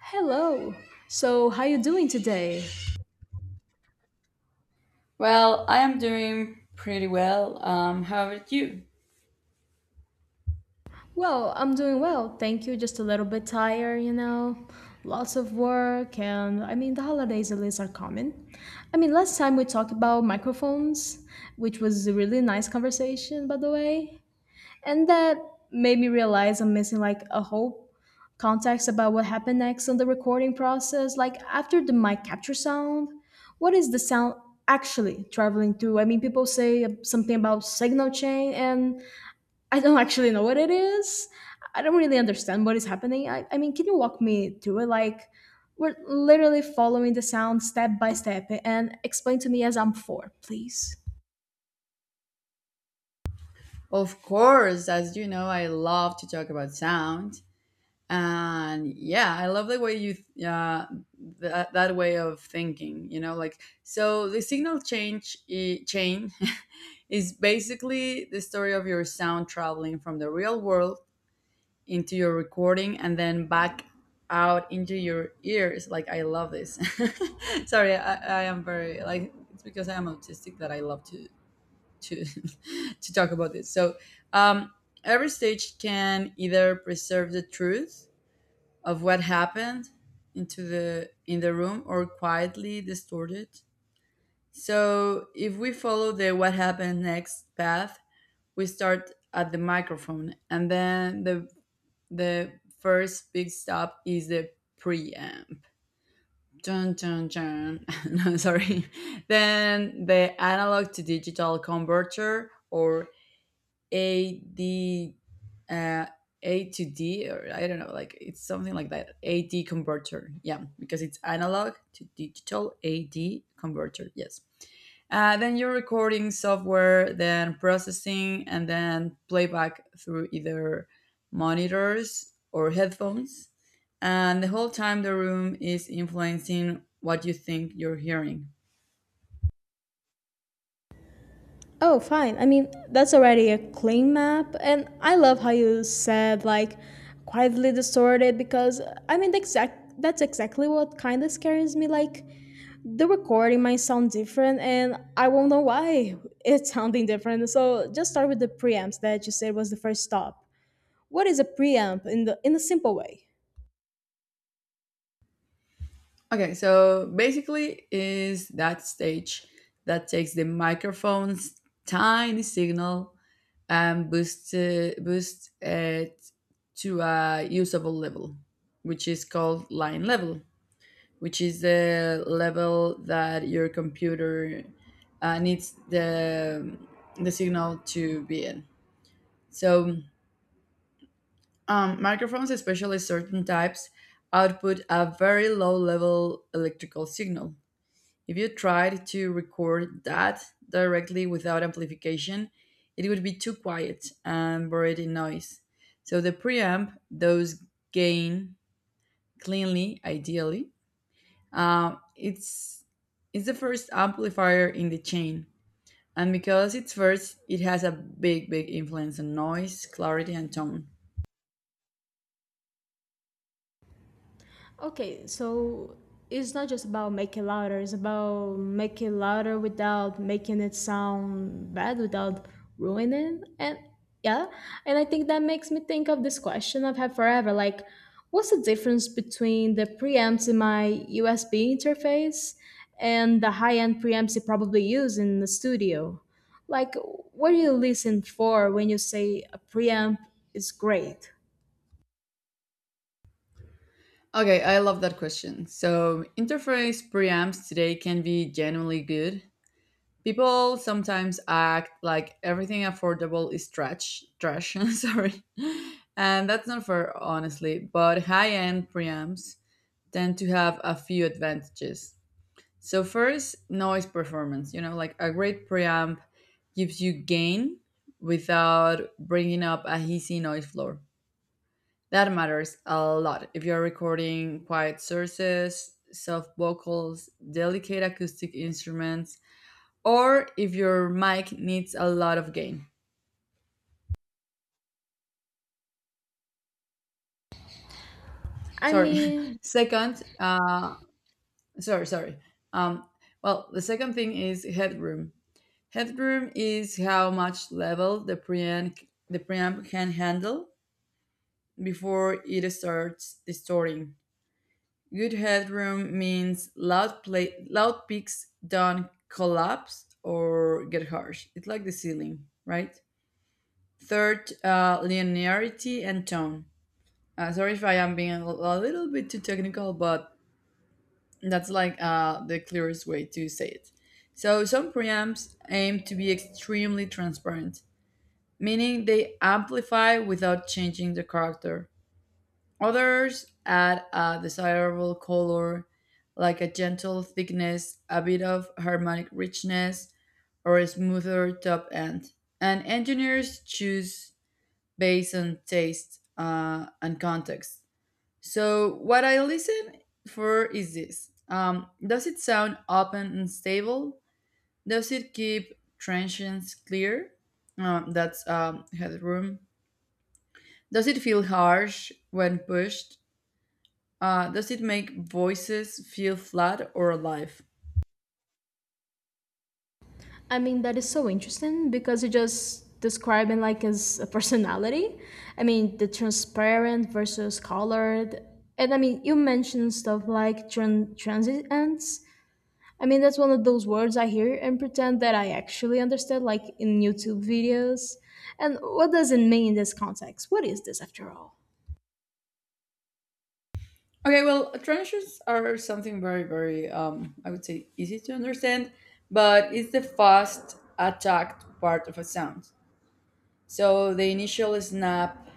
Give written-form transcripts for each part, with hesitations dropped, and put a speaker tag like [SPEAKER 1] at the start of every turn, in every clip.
[SPEAKER 1] Hello. So, how you doing today?
[SPEAKER 2] Well, I am doing pretty well. How about you?
[SPEAKER 1] Well, I'm doing well, thank you. Just a little bit tired, you know. Lots of work and the holidays at least are coming. Last time we talked about microphones, which was a really nice conversation, by the way. And that made me realize I'm missing like a whole context about what happened next in the recording process. Like after the mic capture sound, what is the sound actually traveling through? People say something about signal chain, and I don't actually know what it is. I don't really understand what is happening. I mean, can you walk me through it? Like, we're literally following the sound step by step and explain to me as I'm four, please.
[SPEAKER 2] Of course, as you know, I love to talk about sound, and yeah, I love the way you uh, that way of thinking. You know, like, so the signal chain is basically the story of your sound traveling from the real world into your recording and then back out into your ears. Like, I love this. Sorry, I am very, like, it's because I am autistic that I love to to talk about this. So um, every stage can either preserve the truth of what happened into the in the room, or quietly distort it. So if we follow the what happened next path, we start at the microphone, and then the first big stop is the preamp. Dun, dun, dun. No, sorry. Then the analog to digital converter, or a D uh, A to D, or I don't know, like, it's something like that. A D converter, yeah, because it's analog to digital, A D converter. Yes. Then your recording software, then processing, and then playback through either monitors or headphones. And the whole time the room is influencing what you think you're hearing.
[SPEAKER 1] Oh, fine. That's already a clean map, and I love how you said like quietly distorted because I mean, the exact that's exactly what kind of scares me. Like the recording might sound different, and I won't know why it's sounding different. So just start with the preamps that you said was the first stop. What is a preamp in the in a simple way?
[SPEAKER 2] Okay, so basically is that stage that takes the microphone's tiny signal and boosts it to a usable level, which is called line level, which is the level that your computer needs the signal to be in. So microphones, especially certain types, output a very low level electrical signal. If you tried to record that directly without amplification, it would be too quiet and buried in noise. So the preamp does gain cleanly, ideally. Um, it's it's the first amplifier in the chain, and because it's first, it has a big, big influence on noise, clarity, and tone.
[SPEAKER 1] Okay, so it's not just about making louder, it's about making louder without making it sound bad, without ruining it. And yeah, and I think that makes me think of this question I've had forever like, what's the difference between the preamps in my USB interface and the high end preamps you probably use in the studio? Like, what do you listen for when you say a preamp is great?
[SPEAKER 2] Okay, I love that question. So interface preamps today can be genuinely good. People sometimes act like everything affordable is trash sorry, and that's not fair, honestly. But high-end preamps tend to have a few advantages. So, first, noise performance. Like, a great preamp gives you gain without bringing up a hissy noise floor. That matters a lot if you're recording quiet sources, soft vocals, delicate acoustic instruments, or if your mic needs a lot of gain.
[SPEAKER 1] I
[SPEAKER 2] Sorry.
[SPEAKER 1] mean,
[SPEAKER 2] Second, sorry, sorry. Um, well, the second thing is headroom. Headroom is how much level the preamp can handle before it starts distorting. Good headroom means loud peaks don't collapse or get harsh. It's like the ceiling, right? Third, linearity and tone. Sorry if I am being a little bit too technical, but that's, like, the clearest way to say it. So, some preamps aim to be extremely transparent, meaning they amplify without changing the character. Others add a desirable color, like a gentle thickness, a bit of harmonic richness, or a smoother top end. And engineers choose based on taste, and context. So, what I listen for is this. Does it sound open and stable? Does it keep transients clear? That's, headroom. Does it feel harsh when pushed? Does it make voices feel flat or alive?
[SPEAKER 1] I mean, that is so interesting because you just describing like as a personality. The transparent versus colored. And you mentioned stuff like transients. That's one of those words I hear and pretend that I actually understand, like in YouTube videos. And what does it mean in this context? What is this after all?
[SPEAKER 2] Okay, well, transients are something very, very, I would say, easy to understand, but it's the fast attacked part of a sound. So the initial snap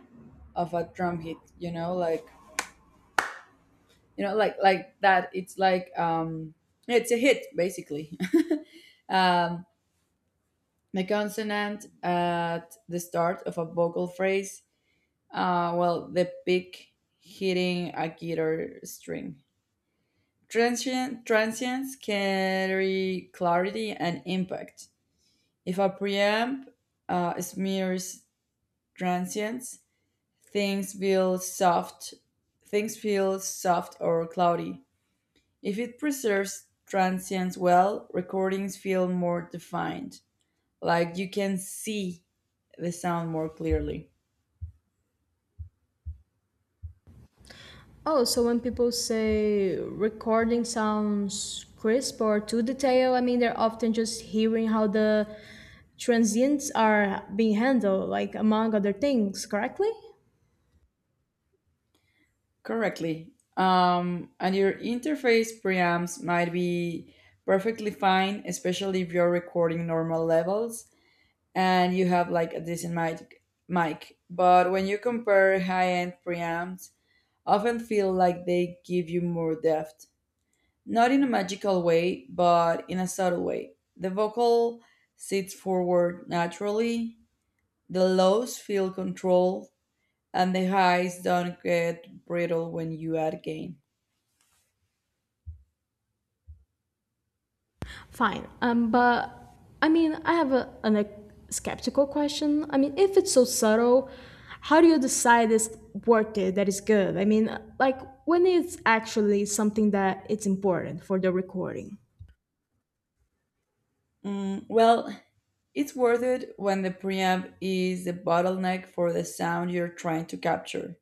[SPEAKER 2] of a drum hit, like that, it's like, it's a hit basically. um the consonant at the start of a vocal phrase, well, the pick hitting a guitar string. Transients carry clarity and impact. If a preamp smears transients, things feel soft, or cloudy. If it preserves transients well, recordings feel more defined. Like, you can see the sound more clearly.
[SPEAKER 1] Oh, so when people say recording sounds crisp or too detailed, they're often just hearing how the transients are being handled, like among other things, correctly?
[SPEAKER 2] Correctly. And your interface preamps might be perfectly fine, especially if you're recording normal levels and you have, like, a decent mic. But when you compare high end preamps, often feel like they give you more depth. Not in a magical way, but in a subtle way. The vocal sits forward naturally, the lows feel controlled, and the highs don't get brittle when you add gain.
[SPEAKER 1] Fine. But I have a skeptical question. If it's so subtle, how do you decide it's worth it, that is good? Like, when it's actually something that it's important for the recording?
[SPEAKER 2] Well, it's worth it when the preamp is the bottleneck for the sound you're trying to capture.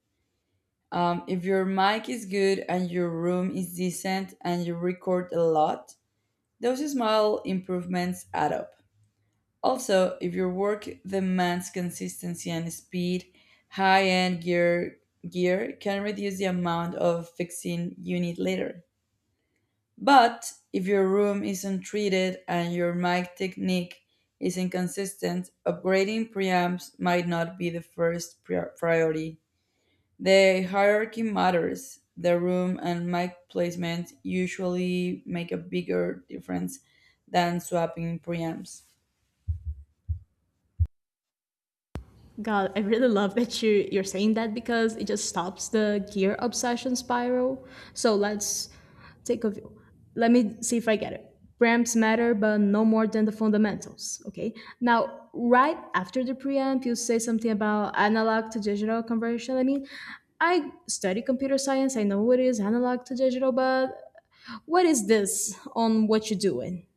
[SPEAKER 2] If your mic is good and your room is decent and you record a lot, those small improvements add up. Also, if your work demands consistency and speed, high-end gear can reduce the amount of fixing you need later. But if your room isn't treated and your mic technique isn't consistent, upgrading preamps might not be the first priority. The hierarchy matters. The room and mic placement usually make a bigger difference than swapping preamps.
[SPEAKER 1] God, I really love that you're saying that because it just stops the gear obsession spiral. So let's take a view. Let me see if I get it. Preamps matter, but no more than the fundamentals. Okay. Now, right after the preamp, you say something about analog to digital conversion. I study computer science. I know what is analog to digital, but what is this on what you're doing?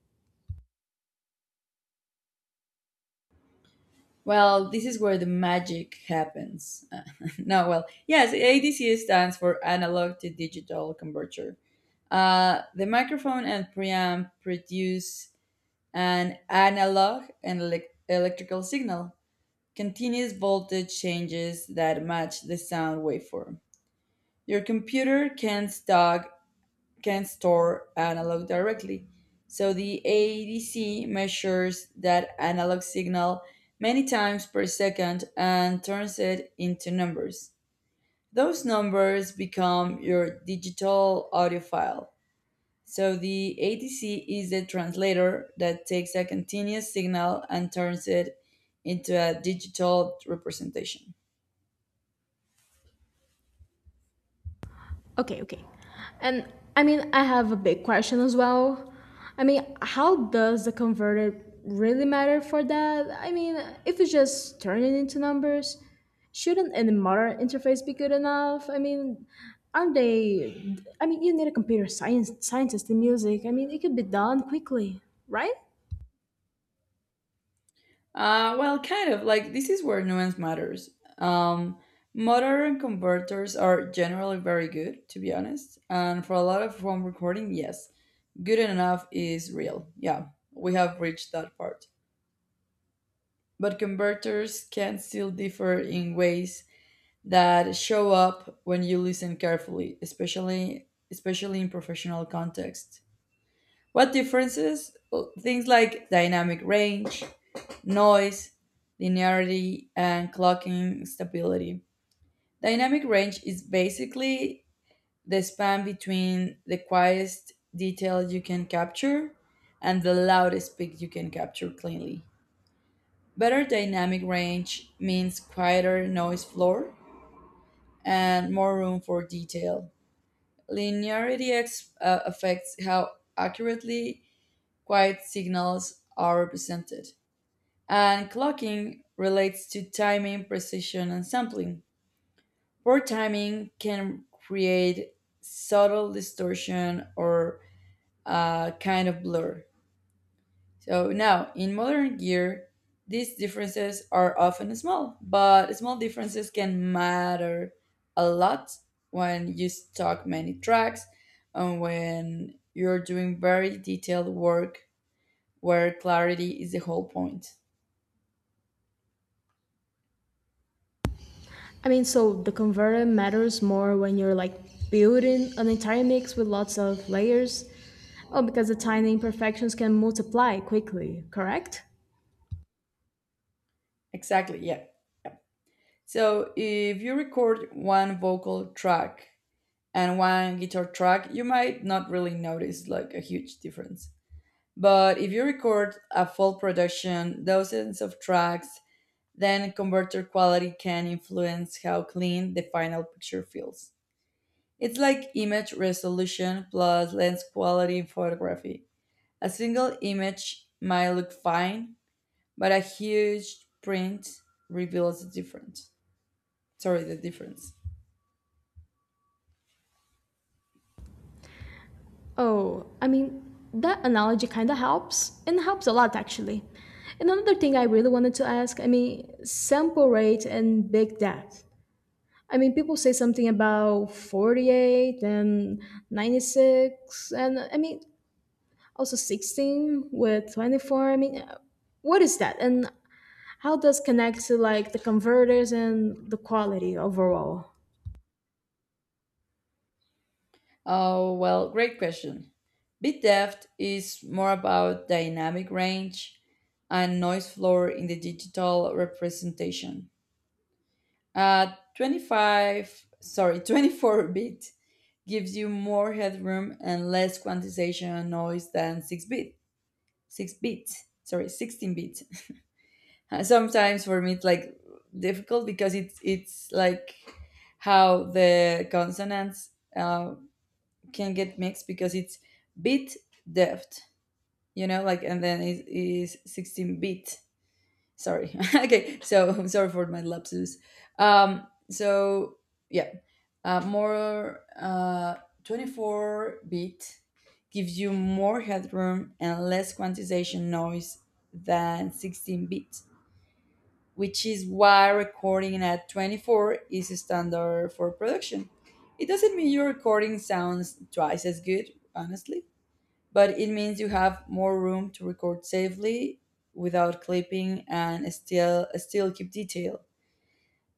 [SPEAKER 2] Well, this is where the magic happens. No, well, yes, ADC stands for analog to digital converter. The microphone and preamp produce an analog and electrical signal, continuous voltage changes that match the sound waveform. Your computer can stock can store analog directly. So the ADC measures that analog signal many times per second and turns it into numbers. Those numbers become your digital audio file. So the ADC is the translator that takes a continuous signal and turns it into a digital representation.
[SPEAKER 1] Okay, okay. And I have a big question as well. How does the converted really matter for that? If you just turn it into numbers, shouldn't any modern interface be good enough? Aren't they? You need a computer science scientist in music. It could be done quickly, right?
[SPEAKER 2] Well, kind of. Like, this is where nuance matters. Um, Modern converters are generally very good, to be honest. And for a lot of home recording, yes, good enough is real. Yeah, we have reached that part. But converters can still differ in ways that show up when you listen carefully, especially in professional context. What differences? Well, things like dynamic range, noise, linearity, and clocking stability. Dynamic range is basically the span between the quietest detail you can capture and the loudest peak you can capture cleanly. Better dynamic range means quieter noise floor and more room for detail. Linearity affects how accurately quiet signals are represented. And clocking relates to timing, precision, and sampling. Poor timing can create subtle distortion, or a kind of blur. So now, in modern gear, these differences are often small, but small differences can matter a lot when you stock many tracks and when you're doing very detailed work where clarity is the whole point.
[SPEAKER 1] So the converter matters more when you're like building an entire mix with lots of layers. Oh, because the tiny imperfections can multiply quickly, correct?
[SPEAKER 2] Exactly, yeah. So if you record one vocal track and one guitar track, you might not really notice, like, a huge difference. But if you record a full production, dozens of tracks, then converter quality can influence how clean the final picture feels. It's like image resolution plus lens quality in photography. A single image might look fine, but a huge print reveals the difference. Sorry, the difference.
[SPEAKER 1] Oh, that analogy kind of helps, and helps a lot actually. And another thing I really wanted to ask sample rate and big depth. People say something about 48 and 96, and also 16 with 24. What is that? And how does connect to like the converters and the quality overall?
[SPEAKER 2] Oh, well, great question. Bit depth is more about dynamic range and noise floor in the digital representation. 25, sorry, 24 bit gives you more headroom and less quantization noise than 6 bit. 6 bit, sorry, 16 bit. Sometimes for me it's, like, difficult because it's like how the consonants can get mixed, because it's bit depth, like, and then it is 16 bit. Sorry. Okay. So I'm sorry for my lapsus. So, yeah, more, 24 bit gives you more headroom and less quantization noise than 16 bit, which is why recording at 24 is a standard for production. It doesn't mean your recording sounds twice as good, honestly, but it means you have more room to record safely without clipping and still keep detail.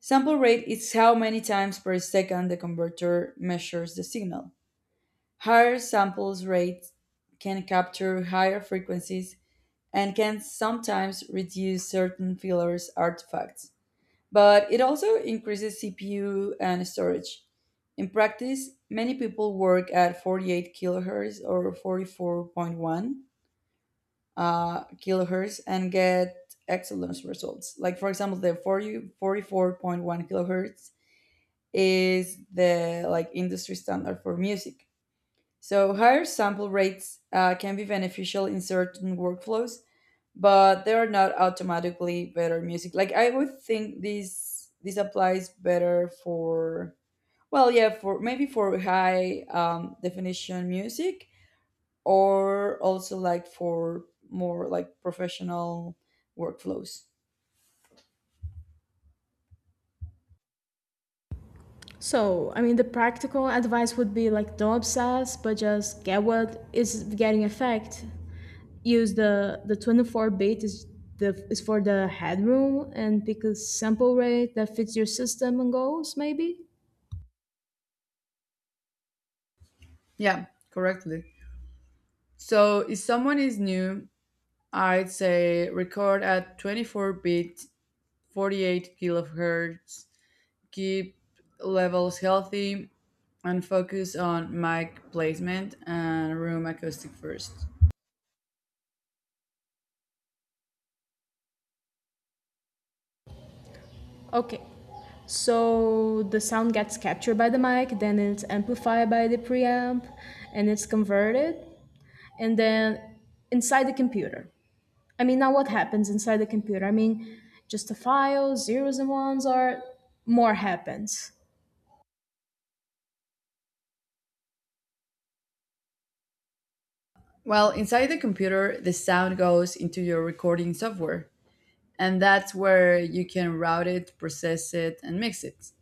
[SPEAKER 2] Sample rate is how many times per second the converter measures the signal. Higher samples rate can capture higher frequencies and can sometimes reduce certain fillers artifacts, but it also increases CPU and storage. In practice, many people work at 48 kilohertz or 44.1 kilohertz and get excellent results. Like, for example, the 44.1 kilohertz is the, like, industry standard for music. So higher sample rates can be beneficial in certain workflows, but they are not automatically better music. Like, I would think this applies better for, well, yeah, for maybe for high definition music, or also, like, for more like professional workflows.
[SPEAKER 1] So the practical advice would be like don't obsess but just get what is getting effect, use the 24 bit is the is for the headroom and pick a sample rate that fits your system and goals maybe.
[SPEAKER 2] Yeah, correctly. So if someone is new, I'd say record at 24 bit, 48 kilohertz, keep levels healthy, and focus on mic placement and room acoustic first.
[SPEAKER 1] Okay, so the sound gets captured by the mic, then it's amplified by the preamp and it's converted, and then inside the computer, now what happens inside the computer? Just the files, zeros and ones, or more happens.
[SPEAKER 2] Well, inside the computer, the sound goes into your recording software, and that's where you can route it, process it, and mix it.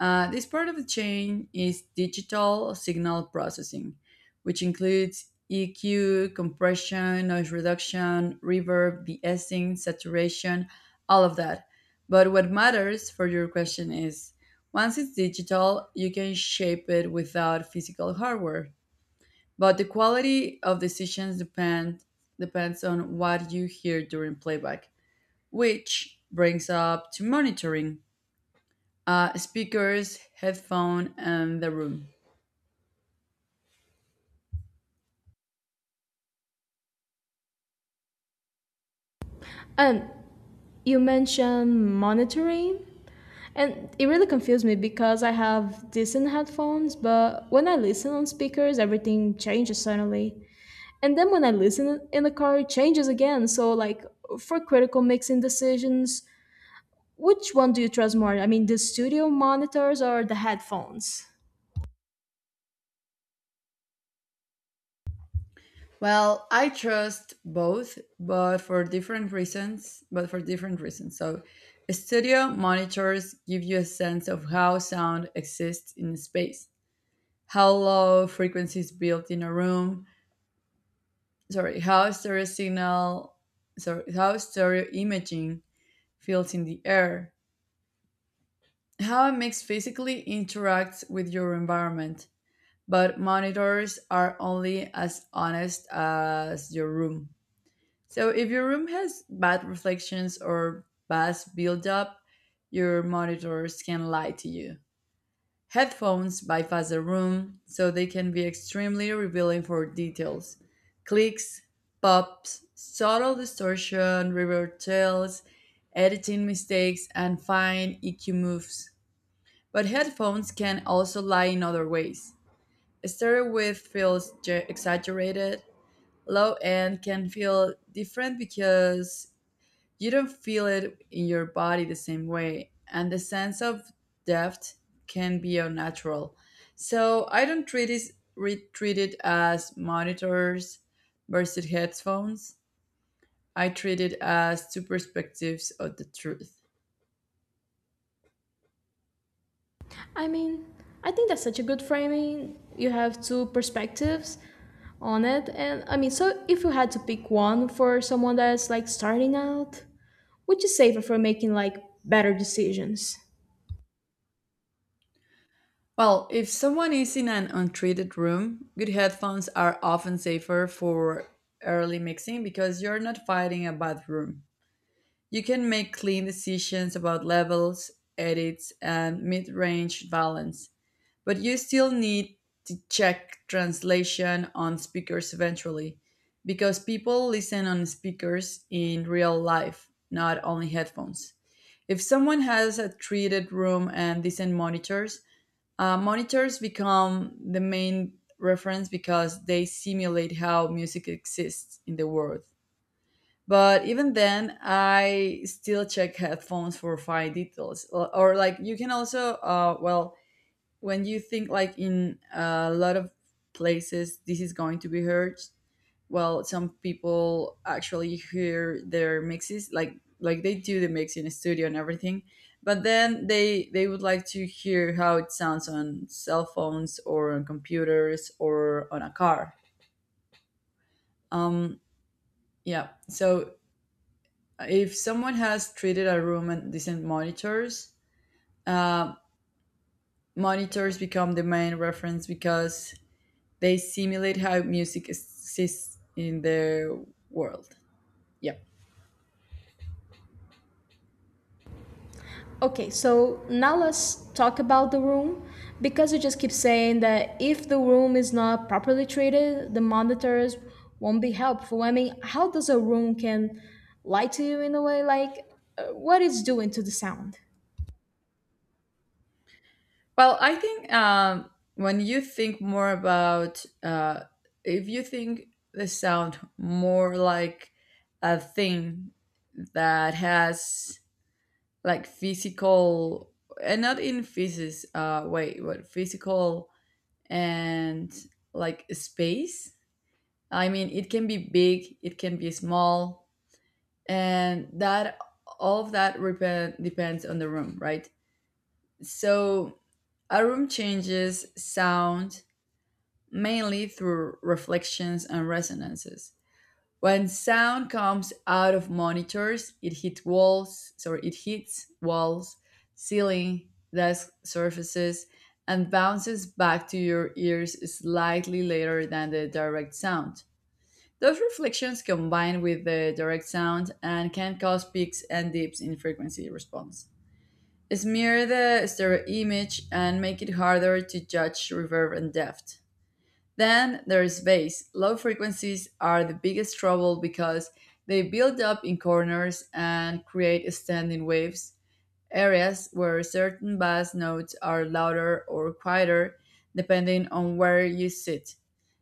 [SPEAKER 2] This part of the chain is digital signal processing, which includes EQ, compression, noise reduction, reverb, de-essing, saturation, all of that. But what matters for your question is once it's digital, you can shape it without physical hardware. But the quality of decisions depends on what you hear during playback, which brings up to monitoring, speakers, headphone, and the room.
[SPEAKER 1] And you mentioned monitoring, and it really confused me because I have decent headphones, but when I listen on speakers, everything changes suddenly. And then when I listen in the car, it changes again. So, like, for critical mixing decisions, which one do you trust more? The studio monitors or the headphones?
[SPEAKER 2] Well, I trust both, but for different reasons. Studio monitors give you a sense of how sound exists in space, how low frequencies built in a room. Sorry, how stereo signal, sorry, how stereo imaging feels in the air, how a mix physically interacts with your environment. But monitors are only as honest as your room. So if your room has bad reflections or bad buildup, your monitors can lie to you. Headphones bypass the room, so they can be extremely revealing for details. Clicks, pops, subtle distortion, reverb tails, editing mistakes, and fine EQ moves. But headphones can also lie in other ways. Started with feels exaggerated, low end can feel different because you don't feel it in your body the same way, and the sense of depth can be unnatural. So I don't treat it, treat it as monitors versus headphones. I treat it as two perspectives of the truth.
[SPEAKER 1] I mean, I think that's such a good framing. You have two perspectives on it. And so if you had to pick one for someone that's like starting out, which is safer for making like better decisions?
[SPEAKER 2] Well, if someone is in an untreated room, good headphones are often safer for early mixing because you're not fighting a bad room. You can make clean decisions about levels, edits, and mid range balance, but you still need to check translation on speakers eventually because people listen on speakers in real life, not only headphones. If someone has a treated room and decent monitors, monitors become the main reference because they simulate how music exists in the world. But even then, I still check headphones for fine details. Or, like you can also, well, when you think like in a lot of places this is going to be heard, well some people actually hear their mixes like they do the mix in a studio and everything but then they would like to hear how it sounds on cell phones or on computers or on a car. um yeah, so if someone has treated a room and decent monitors, uh, monitors become the main reference because they simulate how music exists in the world, yeah.
[SPEAKER 1] Okay, so now let's talk about the room because you just keep saying that if the room is not properly treated, the monitors won't be helpful. How does a room can lie to you in a way like what it's doing to the sound?
[SPEAKER 2] Well, I think when you think more about, if you think the sound more like a thing that has like physical and not in physics way, but physical and like space. I mean, it can be big, it can be small, and that all of that depends on the room, right? So a room changes sound mainly through reflections and resonances. When sound comes out of monitors, it hits walls, ceiling, desk surfaces, and bounces back to your ears slightly later than the direct sound. Those reflections combine with the direct sound and can cause peaks and dips in frequency response. Smear the stereo image and make it harder to judge reverb and depth. Then there's bass. Low frequencies are the biggest trouble because they build up in corners and create standing waves, areas where certain bass notes are louder or quieter depending on where you sit.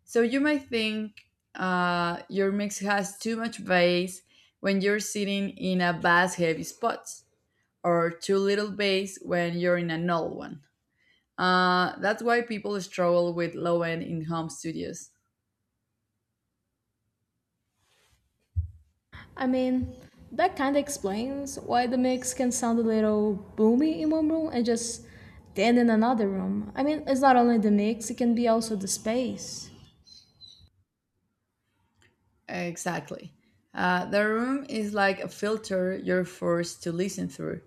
[SPEAKER 2] So you might think your mix has too much bass when you're sitting in a bass heavy spot, or too little bass when you're in a null one. That's why people struggle with low end in home studios.
[SPEAKER 1] I mean, that kind of explains why the mix can sound a little boomy in one room and just dead in another room. It's not only the mix, it can be also the space.
[SPEAKER 2] Exactly. The room is like a filter you're forced to listen through.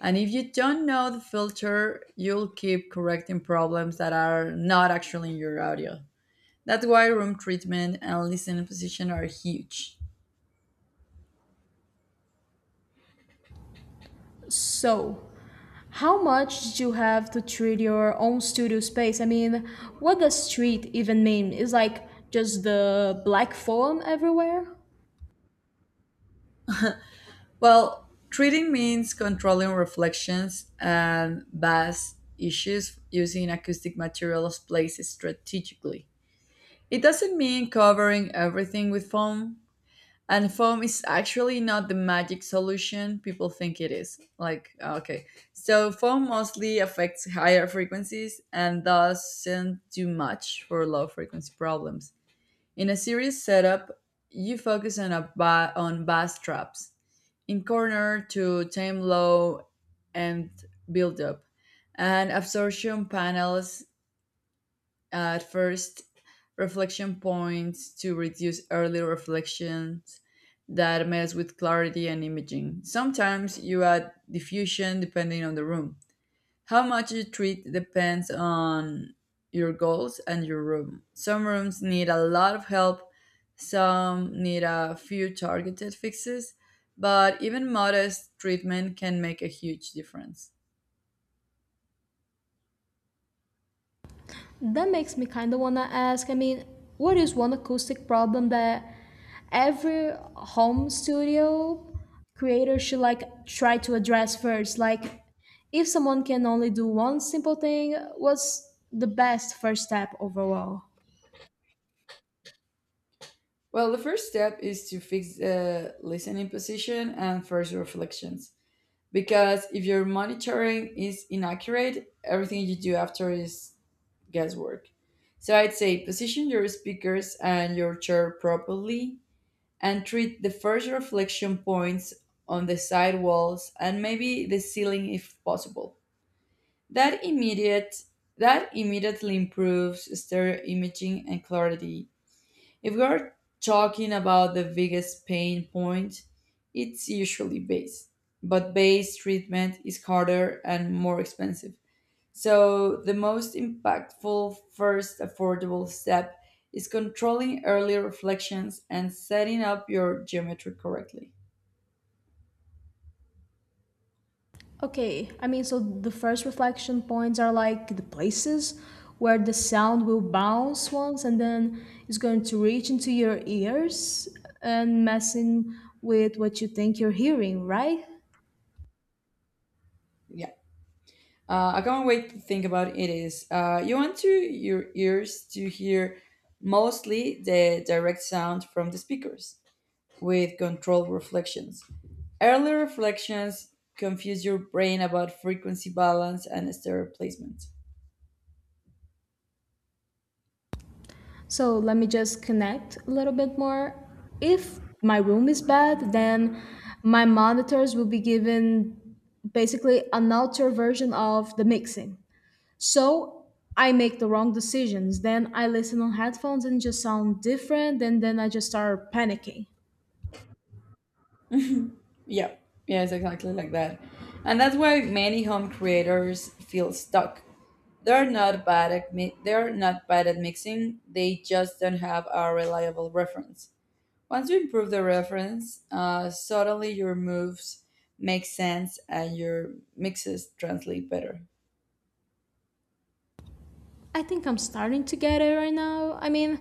[SPEAKER 2] And if you don't know the filter, you'll keep correcting problems that are not actually in your audio. That's why room treatment and listening position are huge.
[SPEAKER 1] So, how much did you have to treat your own studio space? What does street even mean? Is like just the black foam everywhere?
[SPEAKER 2] Well, treating means controlling reflections and bass issues using acoustic materials placed strategically. It doesn't mean covering everything with foam, and foam is actually not the magic solution people think it is. Like, okay. So, foam mostly affects higher frequencies and doesn't do much for low frequency problems. In a series setup, you focus on, on bass traps in corner to tame low and build up, and absorption panels at first, reflection points to reduce early reflections that mess with clarity and imaging. Sometimes you add diffusion depending on the room. How much you treat depends on your goals and your room. Some rooms need a lot of help, some need a few targeted fixes, but even modest treatment can make a huge difference.
[SPEAKER 1] That makes me kind of want to ask, what is one acoustic problem that every home studio creator should like try to address first? Like, if someone can only do one simple thing, what's the best first step overall?
[SPEAKER 2] Well, the first step is to fix the listening position and first reflections. Because if your monitoring is inaccurate, everything you do after is guesswork. So I'd say position your speakers and your chair properly and treat the first reflection points on the side walls and maybe the ceiling if possible. That immediate that immediately improves stereo imaging and clarity if we're talking about the biggest pain point, it's usually base. But base treatment is harder and more expensive. So, the most impactful first affordable step is controlling early reflections and setting up your geometry correctly.
[SPEAKER 1] Okay, so the first reflection points are like the places where the sound will bounce once and then it's going to reach into your ears and messing with what you think you're hearing, right?
[SPEAKER 2] Yeah. I can't wait to think about it is you want to your ears to hear mostly the direct sound from the speakers with controlled reflections. Early reflections confuse your brain about frequency balance and stereo placement.
[SPEAKER 1] So let me just connect a little bit more. If my room is bad, then my monitors will be given basically an altered version of the mixing. So I make the wrong decisions. Then I listen on headphones and just sound different, and then I just start panicking.
[SPEAKER 2] Yeah, yeah, it's exactly like that. And that's why many home creators feel stuck. They're not bad at mixing. They just don't have a reliable reference. Once you improve the reference, suddenly your moves make sense and your mixes translate better.
[SPEAKER 1] I think I'm starting to get it right now.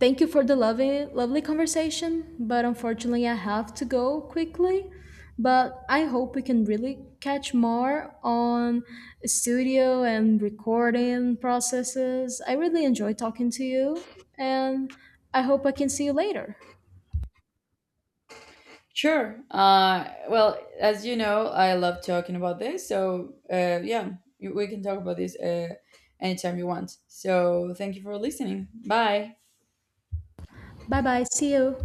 [SPEAKER 1] Thank you for the lovely, lovely conversation, but unfortunately, I have to go quickly. But I hope we can really catch more on studio and recording processes. I really enjoy talking to you, and I hope I can see you later.
[SPEAKER 2] Sure. Well, as you know, I love talking about this. So, yeah, we can talk about this anytime you want. So, thank you for listening. Bye.
[SPEAKER 1] Bye bye. See you.